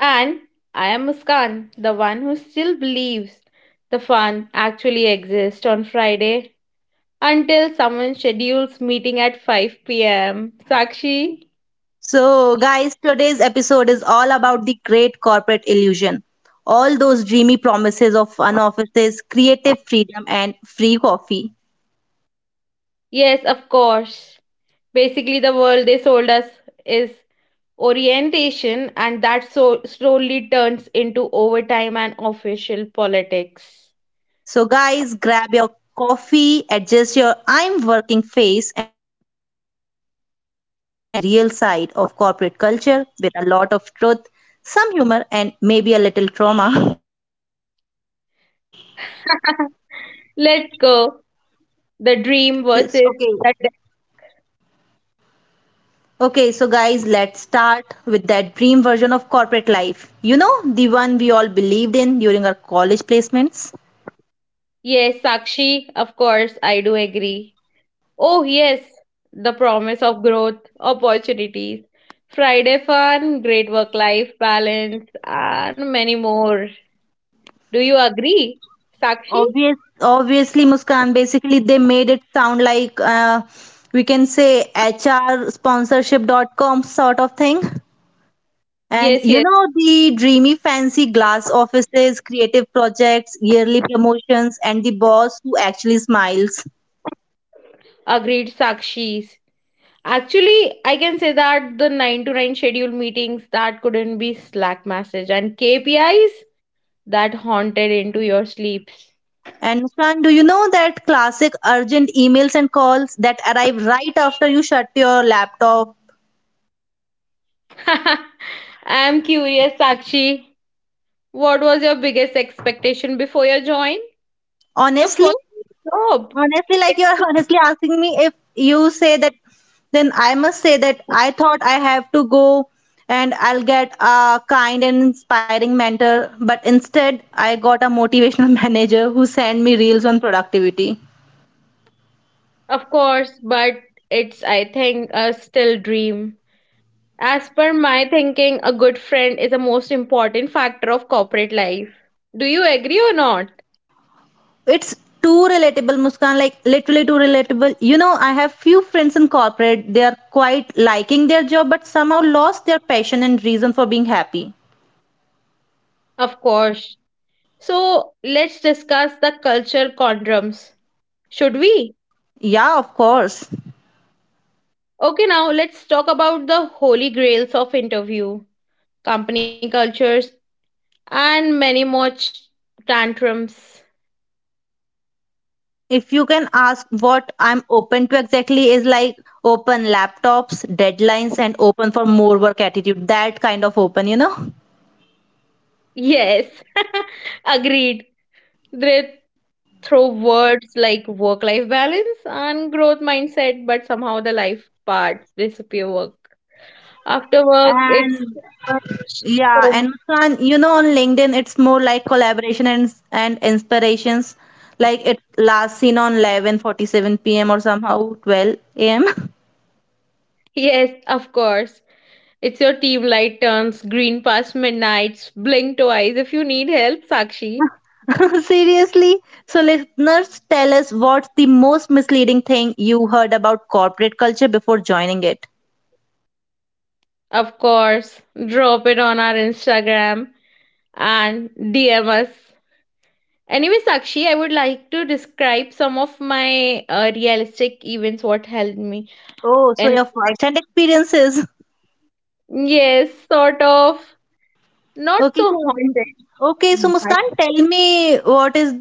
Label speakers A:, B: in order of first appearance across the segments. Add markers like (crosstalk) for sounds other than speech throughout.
A: And I am Muskan, the one who still believes the fun actually exists on Friday until someone schedules meeting at 5 pm. Sakshi?
B: So, guys, today's episode is all about the great corporate illusion. All those dreamy promises of fun offices, creative freedom, and free coffee.
A: Yes, of course. Basically, the world they sold us is orientation, and that so slowly turns into overtime and official politics.
B: So, guys, grab your coffee, adjust your I'm working face, and get ready as we decode the real side of corporate culture with a lot of truth, some humor, and maybe a little trauma.
A: (laughs) Let's go. The
B: (laughs)
A: dream
B: Okay.
A: versus the.
B: Okay, so guys, let's start with that dream version of corporate life. You know, the one we all believed in during our college placements.
A: Yes, Sakshi, of course, I do agree. Oh, yes, the promise of growth, opportunities, Friday fun, great work life balance, and many more. Do you agree, Sakshi?
B: Obviously, Muskan, basically they made it sound like we can say HR sponsorship.com sort of thing. And
A: Yes,
B: you
A: yes,
B: know, the dreamy, fancy glass offices, creative projects, yearly promotions, and the boss who actually smiles.
A: agreed, Sakshis. Actually, I can say that the 9 to 9 schedule meetings that couldn't be Slack message and KPIs that haunted into your sleep.
B: And Muskan, do you know that classic urgent emails and calls that arrive right after you shut your laptop?
A: (laughs) I'm curious, Sakshi. What was your biggest expectation before your join? Your
B: Honestly,
A: first job.
B: Honestly, like you're (laughs) honestly asking me if you say that, then I must say that I thought I have to go and I'll get a kind and inspiring mentor, but instead I got a motivational (laughs) manager who sent me reels on productivity.
A: Of course, but it's, I think, a still dream. As per my thinking, a good friend is the most important factor of corporate life. Do you agree or not?
B: It's too relatable, Muskan, like literally too relatable. You know, I have few friends in corporate, they are quite liking their job, but somehow lost their passion and reason for being happy.
A: Of course. So let's discuss the cultural conundrums. Should we?
B: Yeah, of course.
A: Okay, now let's talk about the holy grails of interview, company cultures, and many more tantrums.
B: If you can ask what I'm open to exactly is like open laptops, deadlines, and open for more work attitude. That kind of open, you know?
A: Yes, (laughs) agreed. They throw words like work life balance and growth mindset, but somehow the life parts disappear work. After work, it's
B: And yeah,
A: home.
B: and Muskan, you know, on LinkedIn, it's more like collaboration and inspirations. Like it last seen on 11:47 p.m. or somehow 12 a.m.
A: Yes, of course. It's your team light turns green past midnight. Blink twice if you need help, Sakshi.
B: (laughs) Seriously, so listeners, tell us what's the most misleading thing you heard about corporate culture before joining it.
A: Of course, drop it on our Instagram and DM us. Anyway, Sakshi, I would like to describe some of my realistic events what helped me.
B: Oh, so
A: And
B: your
A: like,
B: first-hand experiences.
A: yes, sort of not
B: Okay,
A: so
B: so
A: haunted,
B: okay, so Muskan,
A: but
B: tell me what is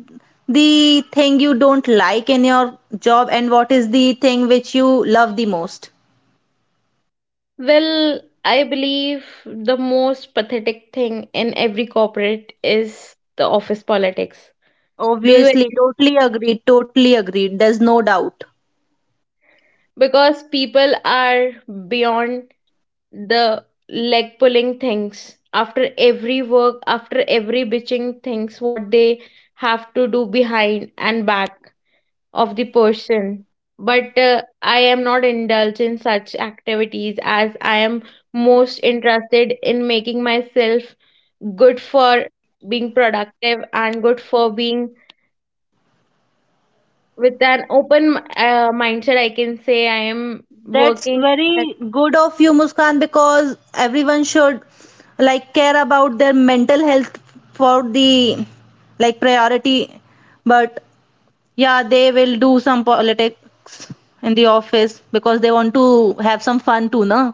B: the thing you don't like in your job, and what is the thing which you love the most?
A: well, I believe the most pathetic thing in every corporate is the office politics. Do you
B: Obviously,
A: agree?
B: totally agreed, totally agreed. There's no doubt.
A: Because people are beyond the leg pulling things after every work after every bitching things what they have to do behind and back of the person but I am not indulged in such activities as I am most interested in making myself good for being productive and good for being with an open mindset I can say I am
B: That's
A: working.
B: very good of you, Muskan, because everyone should like care about their mental health for the like priority. But yeah, they will do some politics in the office because they want to have some fun too, na?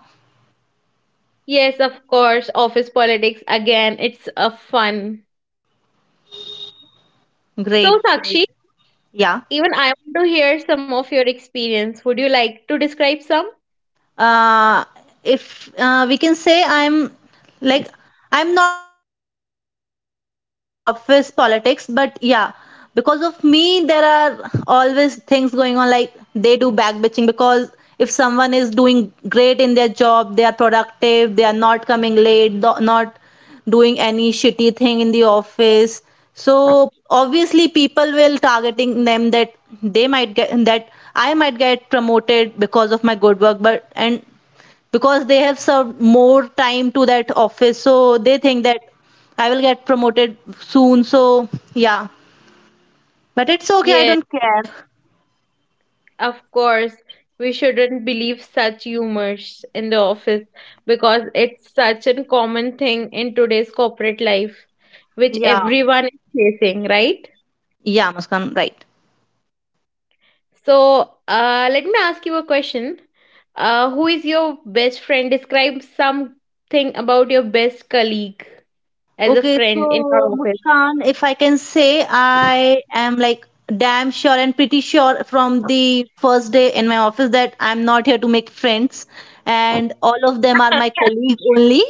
A: Yes, of course, office politics again, it's a fun. So,
B: Great.
A: Sakshi,
B: Yeah.
A: even I want to hear some of your experience. Would you like to describe some?
B: Uh, if we can say like I'm not the one who indulge into office politics, but yeah, because of me, there are always things going on. Like they do backbitching because if someone is doing great in their job, they are productive, they are not coming late, not doing any shitty thing in the office, so obviously people will targeting them that they might get that I might get promoted because of my good work, but and because they have served more time to that office, so they think that I will get promoted soon. So, yeah, but it's okay, I
A: Yes,
B: don't care.
A: of course. We shouldn't believe such humors in the office because it's such a common thing in today's corporate life, which
B: Yeah,
A: everyone is facing, right?
B: yeah, Muskan, right.
A: So, let me ask you a question. Who is your best friend? Describe something about your best colleague as a
B: Okay,
A: friend in our
B: so
A: office.
B: Muskan, if I can say, I am like damn sure and pretty sure from the first day in my office that I'm not here to make friends, and all of them are my colleagues only.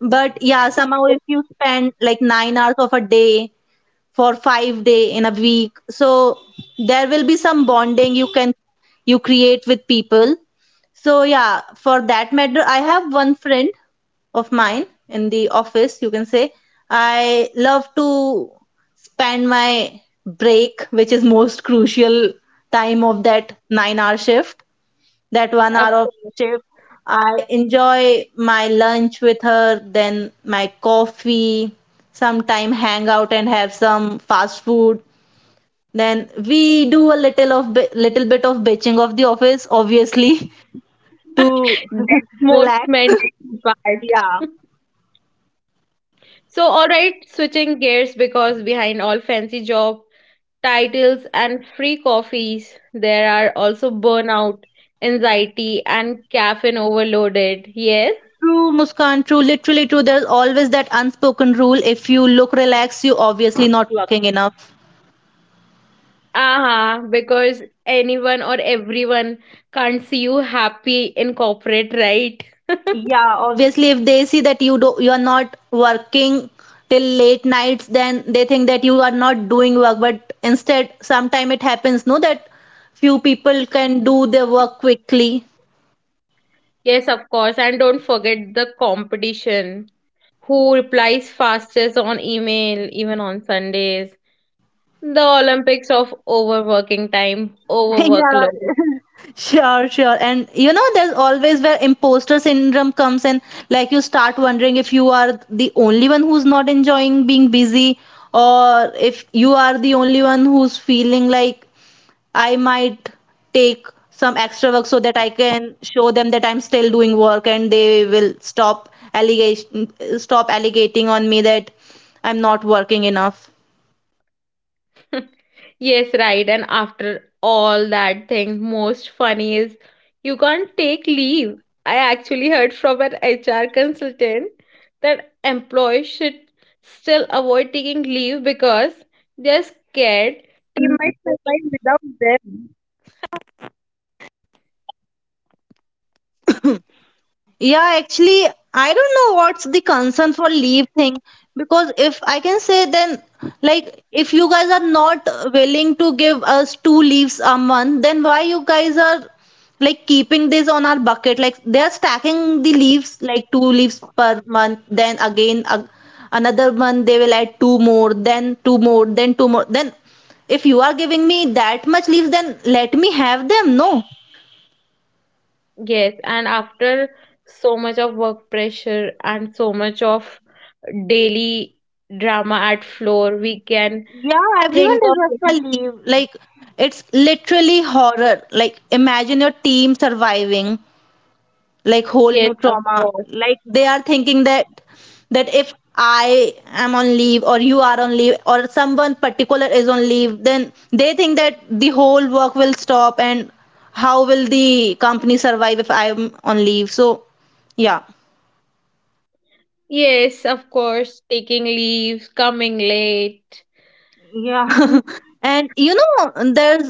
B: But yeah, somehow if you
A: (laughs)
B: spend like 9 hours of a day for 5 day in a week, so there will be some bonding you create with people. So yeah, for that matter, I have one friend of mine in the office, you can say. I love to spend my break, which is most crucial time of that 9-hour shift, that 1 hour
A: Of-
B: of shift. I enjoy my lunch with her, then my coffee, sometime hang out and have some fast food. Then we do a little bit of bitching of the office, obviously, (laughs) to
A: (laughs) That's
B: (laughs)
A: most
B: relax.
A: mandatory part.
B: Yeah.
A: (laughs) So, all right, switching gears because behind all fancy job titles and free coffees, there are also burnout, anxiety, and caffeine overloaded. Yes.
B: True, Muskan, true, literally true. There's always that unspoken rule. If you look relaxed, you obviously not working enough.
A: Uh-huh, because anyone or everyone can't see you happy in corporate, right?
B: Yeah, obviously. If they see that you are not working till late nights, then they think that you are not doing work, but instead sometime it happens, no, that few people can do their work quickly.
A: Yes, of course. And don't forget the competition who replies fastest on email, even on Sundays. The Olympics of overworking time,
B: (laughs) Yeah,
A: overworkload.
B: sure, sure. And you know, there's always where imposter syndrome comes in. Like you start wondering if you are the only one who's not enjoying being busy, or if you are the only one who's feeling like I might take some extra work so that I can show them that I'm still doing work and they will stop allegating on me that I'm not working enough.
A: (laughs) Yes, right. And after all that thing, most funny is you can't take leave. I actually heard from an HR consultant that employees should still avoid taking leave because they're scared. They might survive without them.
B: Yeah, actually, I don't know what's the concern for leave thing, because if I can say, then like if you guys are not willing to give us two leaves a month, then why you guys are like keeping this on our bucket? Like they are stacking the leaves like two leaves per month, then again a another month they will add two more, then two more, then two more. Then if you are giving me that much leaves, then let me have them. No.
A: Yes, and after so much of work pressure and so much of daily drama at floor, we can
B: Yeah, everyone
A: think of.
B: deserves a leave. Like, it's literally horror. Like, imagine your team surviving, like, whole new
A: Yes, of
B: trauma.
A: course.
B: Like, they are thinking that if I am on leave or you are on leave or someone particular is on leave, then they think that the whole work will stop and how will the company survive if I'm on leave? So, yeah.
A: Yes, of course, taking leaves, coming late. Mm,
B: Yeah. (laughs) And you know, there's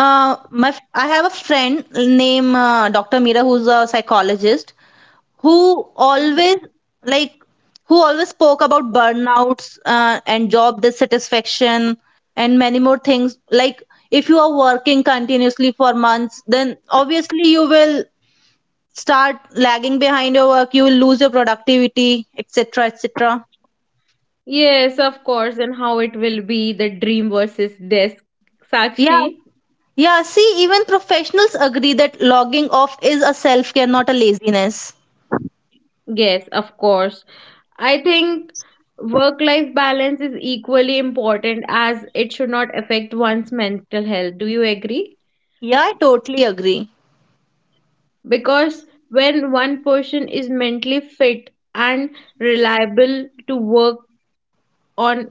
B: Uh, my f- I have a friend named Dr. Mira, who's a psychologist, who always like who always spoke about burnouts and job dissatisfaction and many more things. Like if you are working continuously for months, then obviously you will start lagging behind your work. You will lose your productivity, etc., etc.
A: yes, of course, and how it will be the dream versus desk.
B: Yeah,
A: Sakshi?
B: yeah. See, even professionals agree that logging off is a self care, not a laziness.
A: Yes, of course. I think work life balance is equally important as it should not affect one's mental health. Do you agree?
B: Yeah, I totally agree.
A: Because when one person is mentally fit and reliable to work on,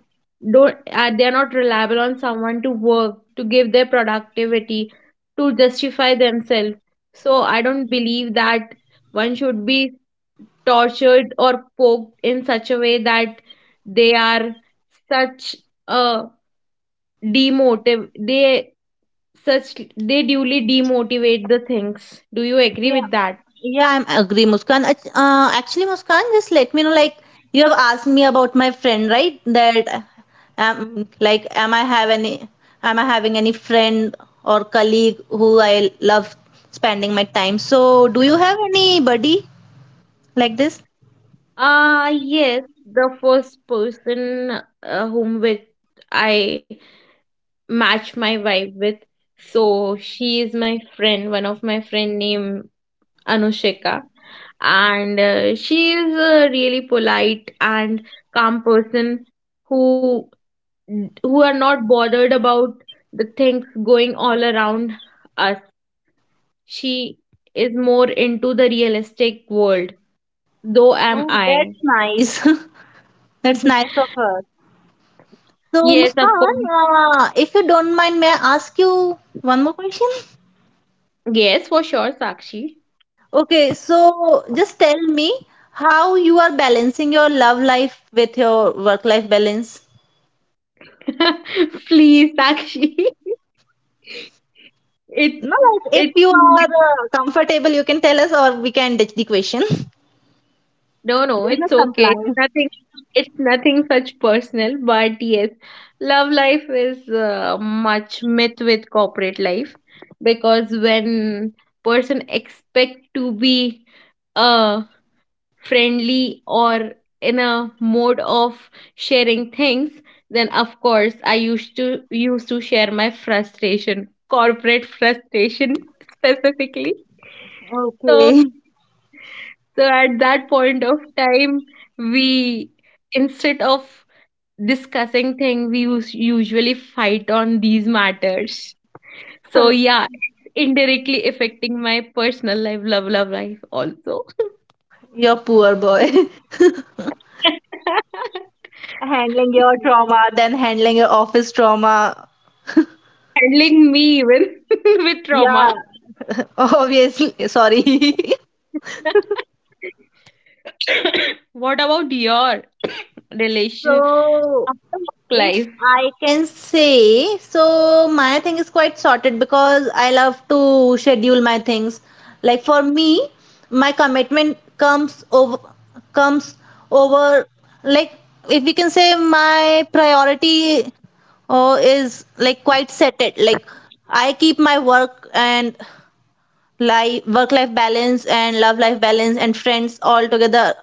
A: don't, they are not reliable on someone to work, to give their productivity, to justify themselves, so I don't believe that one should be tortured or poked in such a way that they are such a demotive, they such, they duly demotivate the things. Do you agree
B: Yeah,
A: with that?
B: yeah, I'm agree, Muskan. Actually, Muskan, just let me know. Like you have asked me about my friend, right? That like, am I having any friend or colleague who I love spending my time? So, do you have anybody like this?
A: Yes, the first person, whom with I match my vibe with. So she is my friend, one of my friend named Anushika, and she is a really polite and calm person who who are not bothered about the things going all around us. She is more into the realistic world, though am
B: Oh,
A: I.
B: that's nice. (laughs) That's nice
A: (laughs)
B: of her. So,
A: Yes, of
B: Muskan,
A: course.
B: if you don't mind, may I ask you one more question?
A: Yes, for sure, Sakshi.
B: Okay, so just tell me how you are balancing your love life with your work life balance.
A: (laughs) Please, Sakshi. (laughs) It
B: No, like if
A: it
B: you are comfortable, you can tell us, or we can ditch the question. (laughs)
A: No, no, it's
B: Business
A: okay. It's
B: compliance.
A: nothing, it's nothing such personal, but yes, love life is much myth with corporate life, because when person expect to be uh friendly or in a mode of sharing things, then of course I used to share my frustration, corporate frustration, (laughs) specifically. So.
B: Okay.
A: So at that point of time, we, instead of discussing thing, we usually fight on these matters. So yeah, it's indirectly affecting my personal life, love life also.
B: Your poor boy. (laughs) Handling your
A: (laughs)
B: trauma, then handling your office trauma.
A: Handling me even (laughs) with trauma.
B: Yeah. Obviously, sorry. (laughs)
A: (coughs) What about your relation
B: So,
A: after work
B: if
A: life?
B: I can say, so my thing is quite sorted because I love to schedule my things. Like for me, my commitment comes over like, if we can say, my priority is like quite set it. Like I keep my work and life, work life balance and love life balance and friends all together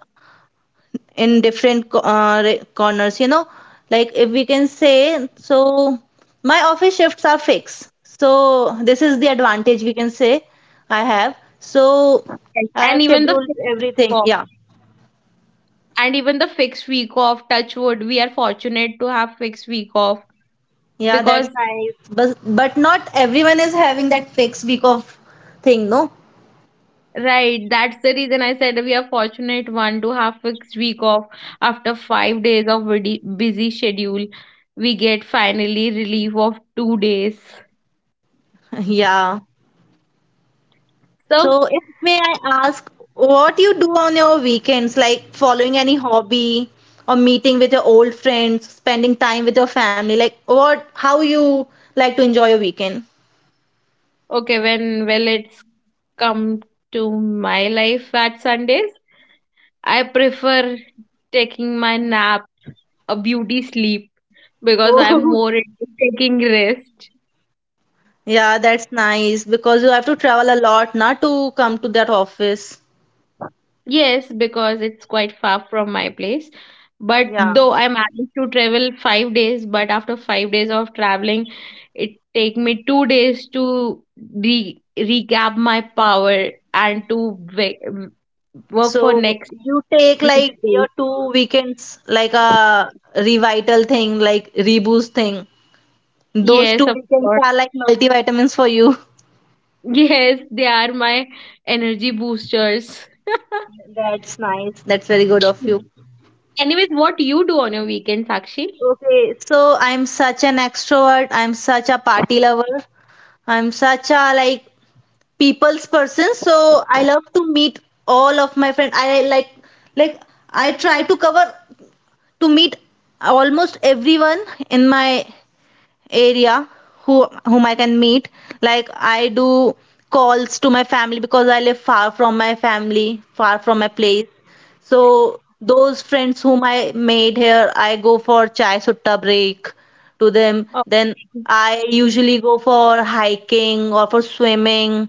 B: in different corners, you know, like if we can say. So my office shifts are fixed, so this is the advantage, we can say I have. So
A: Like,
B: I
A: and
B: have
A: even the
B: scheduled
A: fixed week
B: everything.
A: off,
B: Yeah.
A: and even the fixed week off, touch wood, we are fortunate to have fixed week off,
B: Yeah, that's
A: because
B: nice, but not everyone is having that fixed week of thing, no.
A: right, that's the reason I said we are fortunate one to have fixed week off after 5 days of busy schedule. We get finally relief of 2 days.
B: (laughs) Yeah.
A: So
B: So, if may I ask, what you do on your weekends, like following any hobby or meeting with your old friends, spending time with your family, like what, how you like to enjoy your weekend?
A: okay, when well, it's come to my life. At Sundays, I prefer taking my nap, a beauty sleep,
B: (laughs)
A: because I'm
B: Oh.
A: more into taking rest.
B: Yeah, that's nice because you have to travel a lot, not to come to that office.
A: Yes, because it's quite far from my place. But
B: Yeah.
A: though I managed to travel 5 days, but after 5 days of traveling, it take me 2 days to re recap my power and to work for
B: So
A: next
B: you take like
A: next day.
B: your two weekends, like a revital thing, like reboost thing. Those
A: Yes,
B: two
A: of
B: weekends
A: course.
B: are like
A: (laughs)
B: multivitamins for you. (laughs)
A: Yes, they are my energy boosters.
B: That's nice. That's very good of you.
A: Anyways, what you do on your weekends, Sakshi?
B: Okay, so I'm such an extrovert. I'm such a party lover. I'm such a like people's person. So I love to meet all of my friends. I like I try to cover to meet almost everyone in my area whom I can meet. Like I do calls to my family because I live far from my family, far from my place. So those friends whom I made here, I go for chai sutta break to them.
A: Oh,
B: Then I usually go for hiking or for swimming,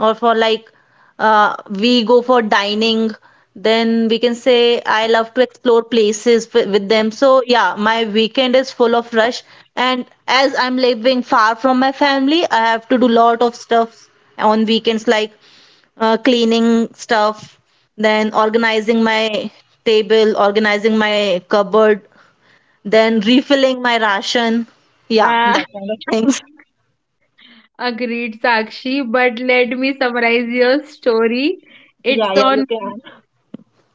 B: or for like we go for dining. Then we can say I love to explore places with them. So yeah, my weekend is full of rush, and as I'm living far from my family, I have to do lot of stuff on weekends like cleaning stuff, then organizing my table, organizing my cupboard, then refilling my ration. Yeah,
A: uh,
B: that kind of things.
A: (laughs) agreed, Sakshi. But let me summarize your story.
B: Yeah,
A: It's
B: yeah, you
A: on
B: can.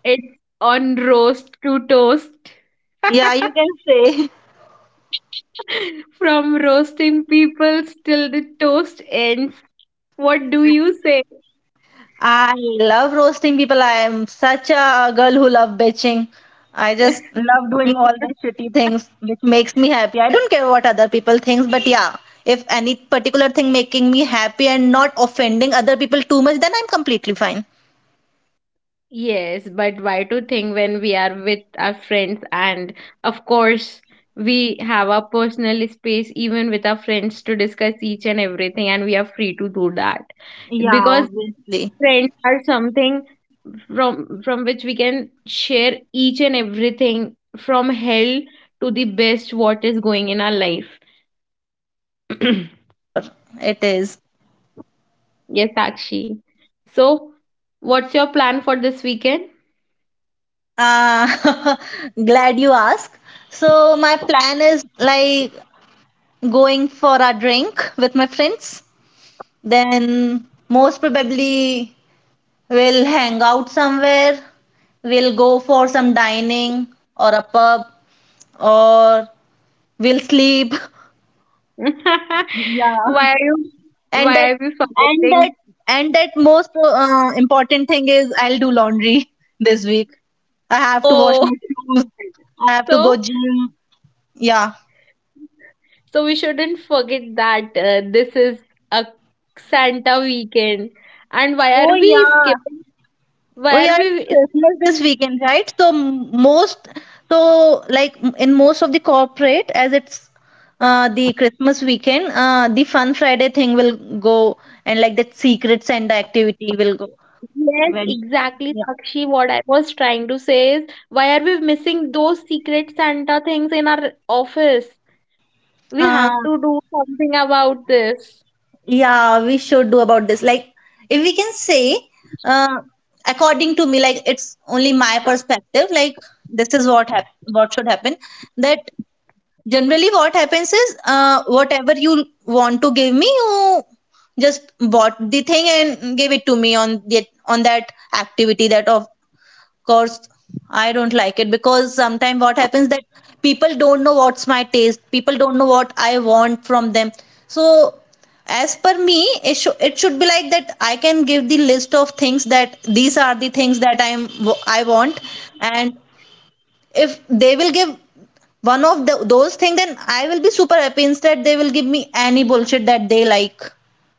A: it's on roast to toast.
B: Yeah, you
A: (laughs)
B: can say. (laughs)
A: From roasting people till the toast ends. What do you say?
B: I love roasting people. I am such a girl who love bitching. I just love doing all the shitty
A: (laughs)
B: things which makes me happy. I don't care what other people thinks, but yeah, if any particular thing making me happy and not offending other people too much, then I'm completely fine.
A: Yes, but why to think when we are with our friends, and of course we have our personal space even with our friends to discuss each and everything, and we are free to do that.
B: Yeah,
A: Because
B: obviously.
A: friends are something from which we can share each and everything, from hell to the best what is going in our life.
B: Yeah, sure. It is.
A: Yes, Sakshi. So, what's your plan for this weekend?
B: Uh, (laughs) glad you asked. So my plan is like going for a drink with my friends. Then most probably we'll hang out somewhere. We'll go for some dining or a pub or we'll sleep.
A: (laughs)
B: Yeah.
A: Why are you
B: And that
A: why are we
B: and that
A: forgetting?
B: and that most important thing is I'll do laundry (laughs) this week. I have to wash
A: Oh,
B: my
A: (laughs)
B: shoes. I have to go
A: so,
B: gym. Yeah.
A: we shouldn't forget that this is a Santa weekend, and why are
B: Oh
A: we
B: yeah.
A: skipping?
B: Oh
A: Why are
B: yeah, it's
A: we
B: Christmas this
A: skipping?
B: weekend, right? So m- most, so like m- in most of the corporate, as it's the Christmas weekend, the Fun Friday thing will go, and like that Secret Santa activity will go.
A: Yes,
B: Well,
A: exactly,
B: yeah.
A: Sakshi. What I was trying to say is, why are we missing those secret Santa things in our office? We
B: Uh,
A: have to do something about this.
B: yeah, we should do about this. Like, if we can say, uh, according to me, like it's only my perspective. Like, this is what hap what should happen. That Generally, what happens is, whatever you want to give me, you just bought the thing and gave it to me on the on that activity. That of course, I don't like it because sometimes what happens that people don't know what's my taste. People don't know what I want from them. So, as per me, it should be like that. I can give the list of things that these are the things that I want, and if they will give one of those things, then I will be super happy. Instead, they will give me any bullshit that they like.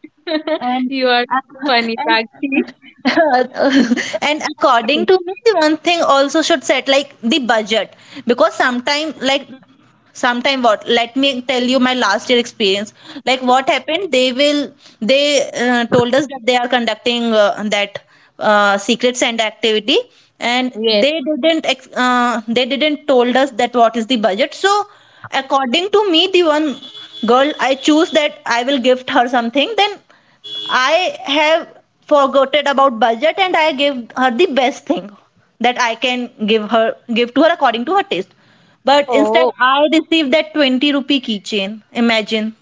A: (laughs)
B: And
A: You are so
B: (laughs)
A: funny, Sakshi.
B: and (laughs) and according to
A: (laughs)
B: me, the one thing also should set like the budget because sometimes like sometime what let me tell you my last year experience like what happened they will they told us that they are conducting that secret santa activity and
A: Yes.
B: they didn't ex- they didn't told us that what is the budget. So according to me, the one girl I choose that I will gift her something. Then I have forgotten about budget and I gave her the best thing that I can give to her according to her taste. But instead
A: Oh,
B: I received that 20 rupee keychain. Imagine.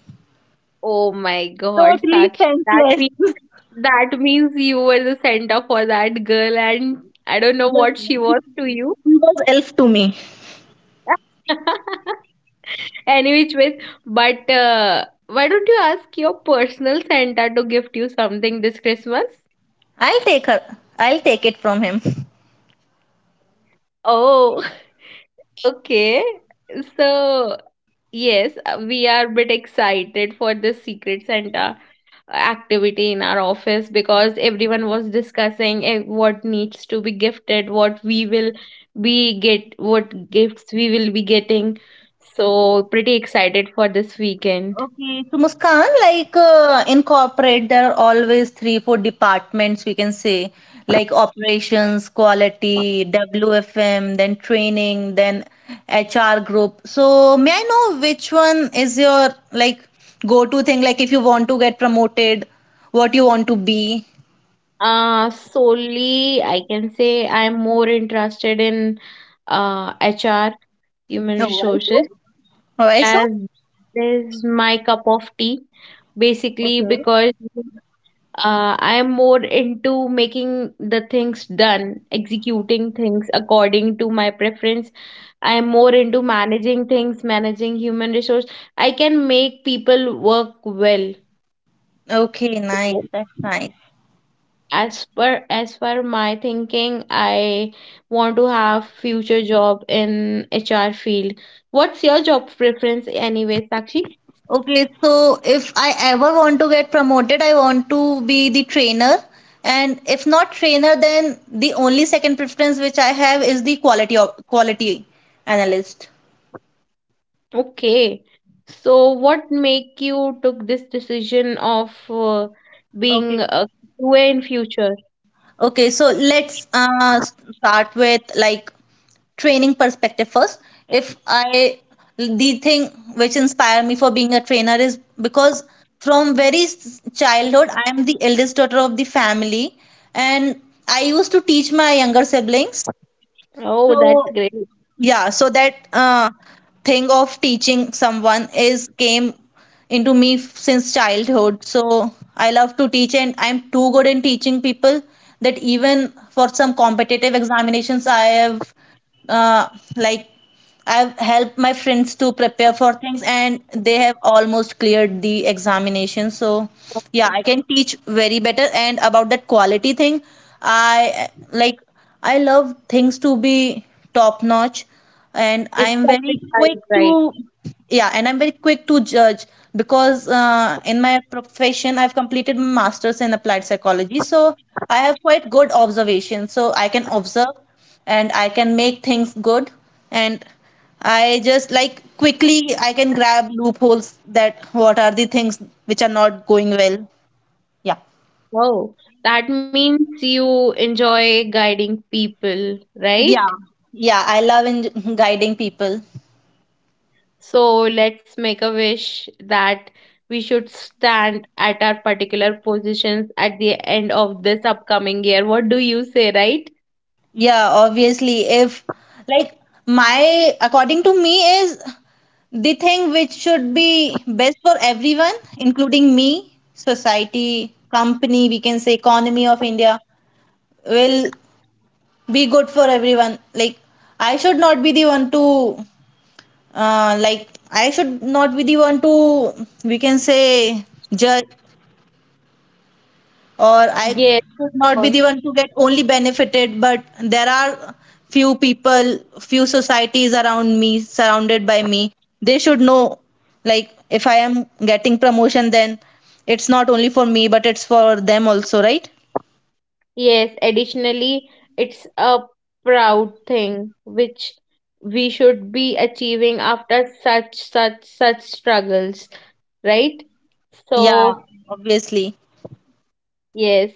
A: oh my God,
B: Totally
A: Sakshi. That
B: senseless. (laughs)
A: That means you were the center for that girl, and I don't know what she was to you.
B: He was elf to me.
A: (laughs) Any which ways, but why don't you ask your personal Santa to gift you something this Christmas?
B: I'll take her. I'll take it from him.
A: Oh, (laughs) okay. So, yes, we are a bit excited for this Secret Santa activity in our office, because everyone was discussing what needs to be gifted, what we will be get, what gifts we will be getting, so pretty excited for this weekend.
B: Okay, so Muskan, like in corporate, there are always three, four departments we can say, like operations, quality, WFM, then training, then HR group. So may I know which one is your like go-to thing? Like if you want to get promoted, what you want to be?
A: Solely I can say I'm more interested in hr, human
B: Oh, why
A: resources,
B: so? Why so?
A: as this is my cup of tea, basically.
B: Okay.
A: Because I am more into making the things done, executing things according to my preference. I am more into managing things, managing human resource. I can make people work well.
B: Okay,
A: So
B: nice. That's nice.
A: as per my thinking, I want to have future job in HR field. What's your job preference anyway, Sakshi?
B: Okay, so if I ever want to get promoted, I want to be the trainer. And if not trainer, then the only second preference which I have is the quality analyst.
A: Okay. So what make you took this decision of
B: Okay.
A: being a QA in future?
B: Okay, so let's start with like training perspective first. If I the thing which inspired me for being a trainer is because from very childhood I am the eldest daughter of the family, and I used to teach my younger siblings.
A: Oh, that's
B: So
A: great.
B: yeah, so that thing of teaching someone is came into me since childhood. So I love to teach, and I'm too good in teaching people that even for some competitive examinations, I have uh, like I've helped my friends to prepare for things, and they have almost cleared the examination. So yeah, I can teach very better. And about that quality thing, I I love things to be top notch, and I'm
A: It's
B: very quick
A: satisfied,
B: to,
A: right?
B: yeah, and I'm very quick to judge because in my profession I've completed my masters in applied psychology. So I have quite good observation, so I can observe and I can make things good. And I just like quickly I can grab loopholes that what are the things which are not going well. Yeah.
A: Wow. That means you enjoy guiding people,
B: Yeah.
A: right?
B: Yeah, I love in guiding people.
A: So let's make a wish that we should stand at our particular positions at the end of this upcoming year. What do you say, right?
B: Yeah, obviously if like my according to me is the thing which should be best for everyone including me, society, company, we can say economy of India will be good for everyone. Like I should not be the one to like I should not be the one to, we can say, judge, or I
A: Yes.
B: should not be the
A: course.
B: one to get only benefited. But there are few people, few societies around me, surrounded by me. They should know, like, if I am getting promotion, then it's not only for me, but it's for them also, right?
A: Yes, additionally, it's a proud thing which we should be achieving after such struggles, right?
B: Yeah,
A: So,
B: obviously.
A: yes.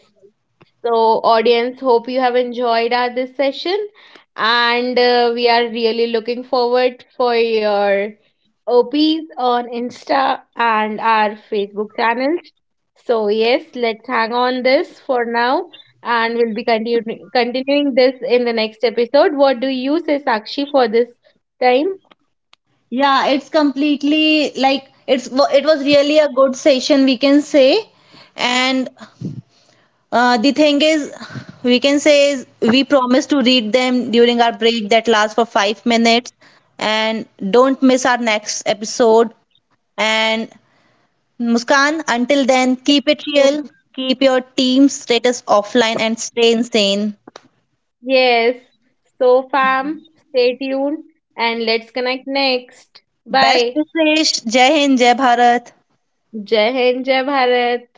A: So, audience, hope you have enjoyed our this session, and we are really looking forward for your OPs on Insta and our Facebook channels. So yes, let's hang on this for now, and we'll be continuing this in the next episode. What do you say, Sakshi, for this time?
B: Yeah, it's completely like it was really a good session, we can say.
A: (laughs)
B: And the thing is, we can say is we promise to read them during our break that lasts for 5 minutes, and don't miss our next episode. And Muskan, until then, keep it
A: So,
B: real, keep your team status offline, and stay insane.
A: yes. So, fam, stay tuned, and let's connect next.
B: Best
A: Bye.
B: wishes. Jai Hind, Jai Bharat.
A: Jai Hind, Jai Bharat.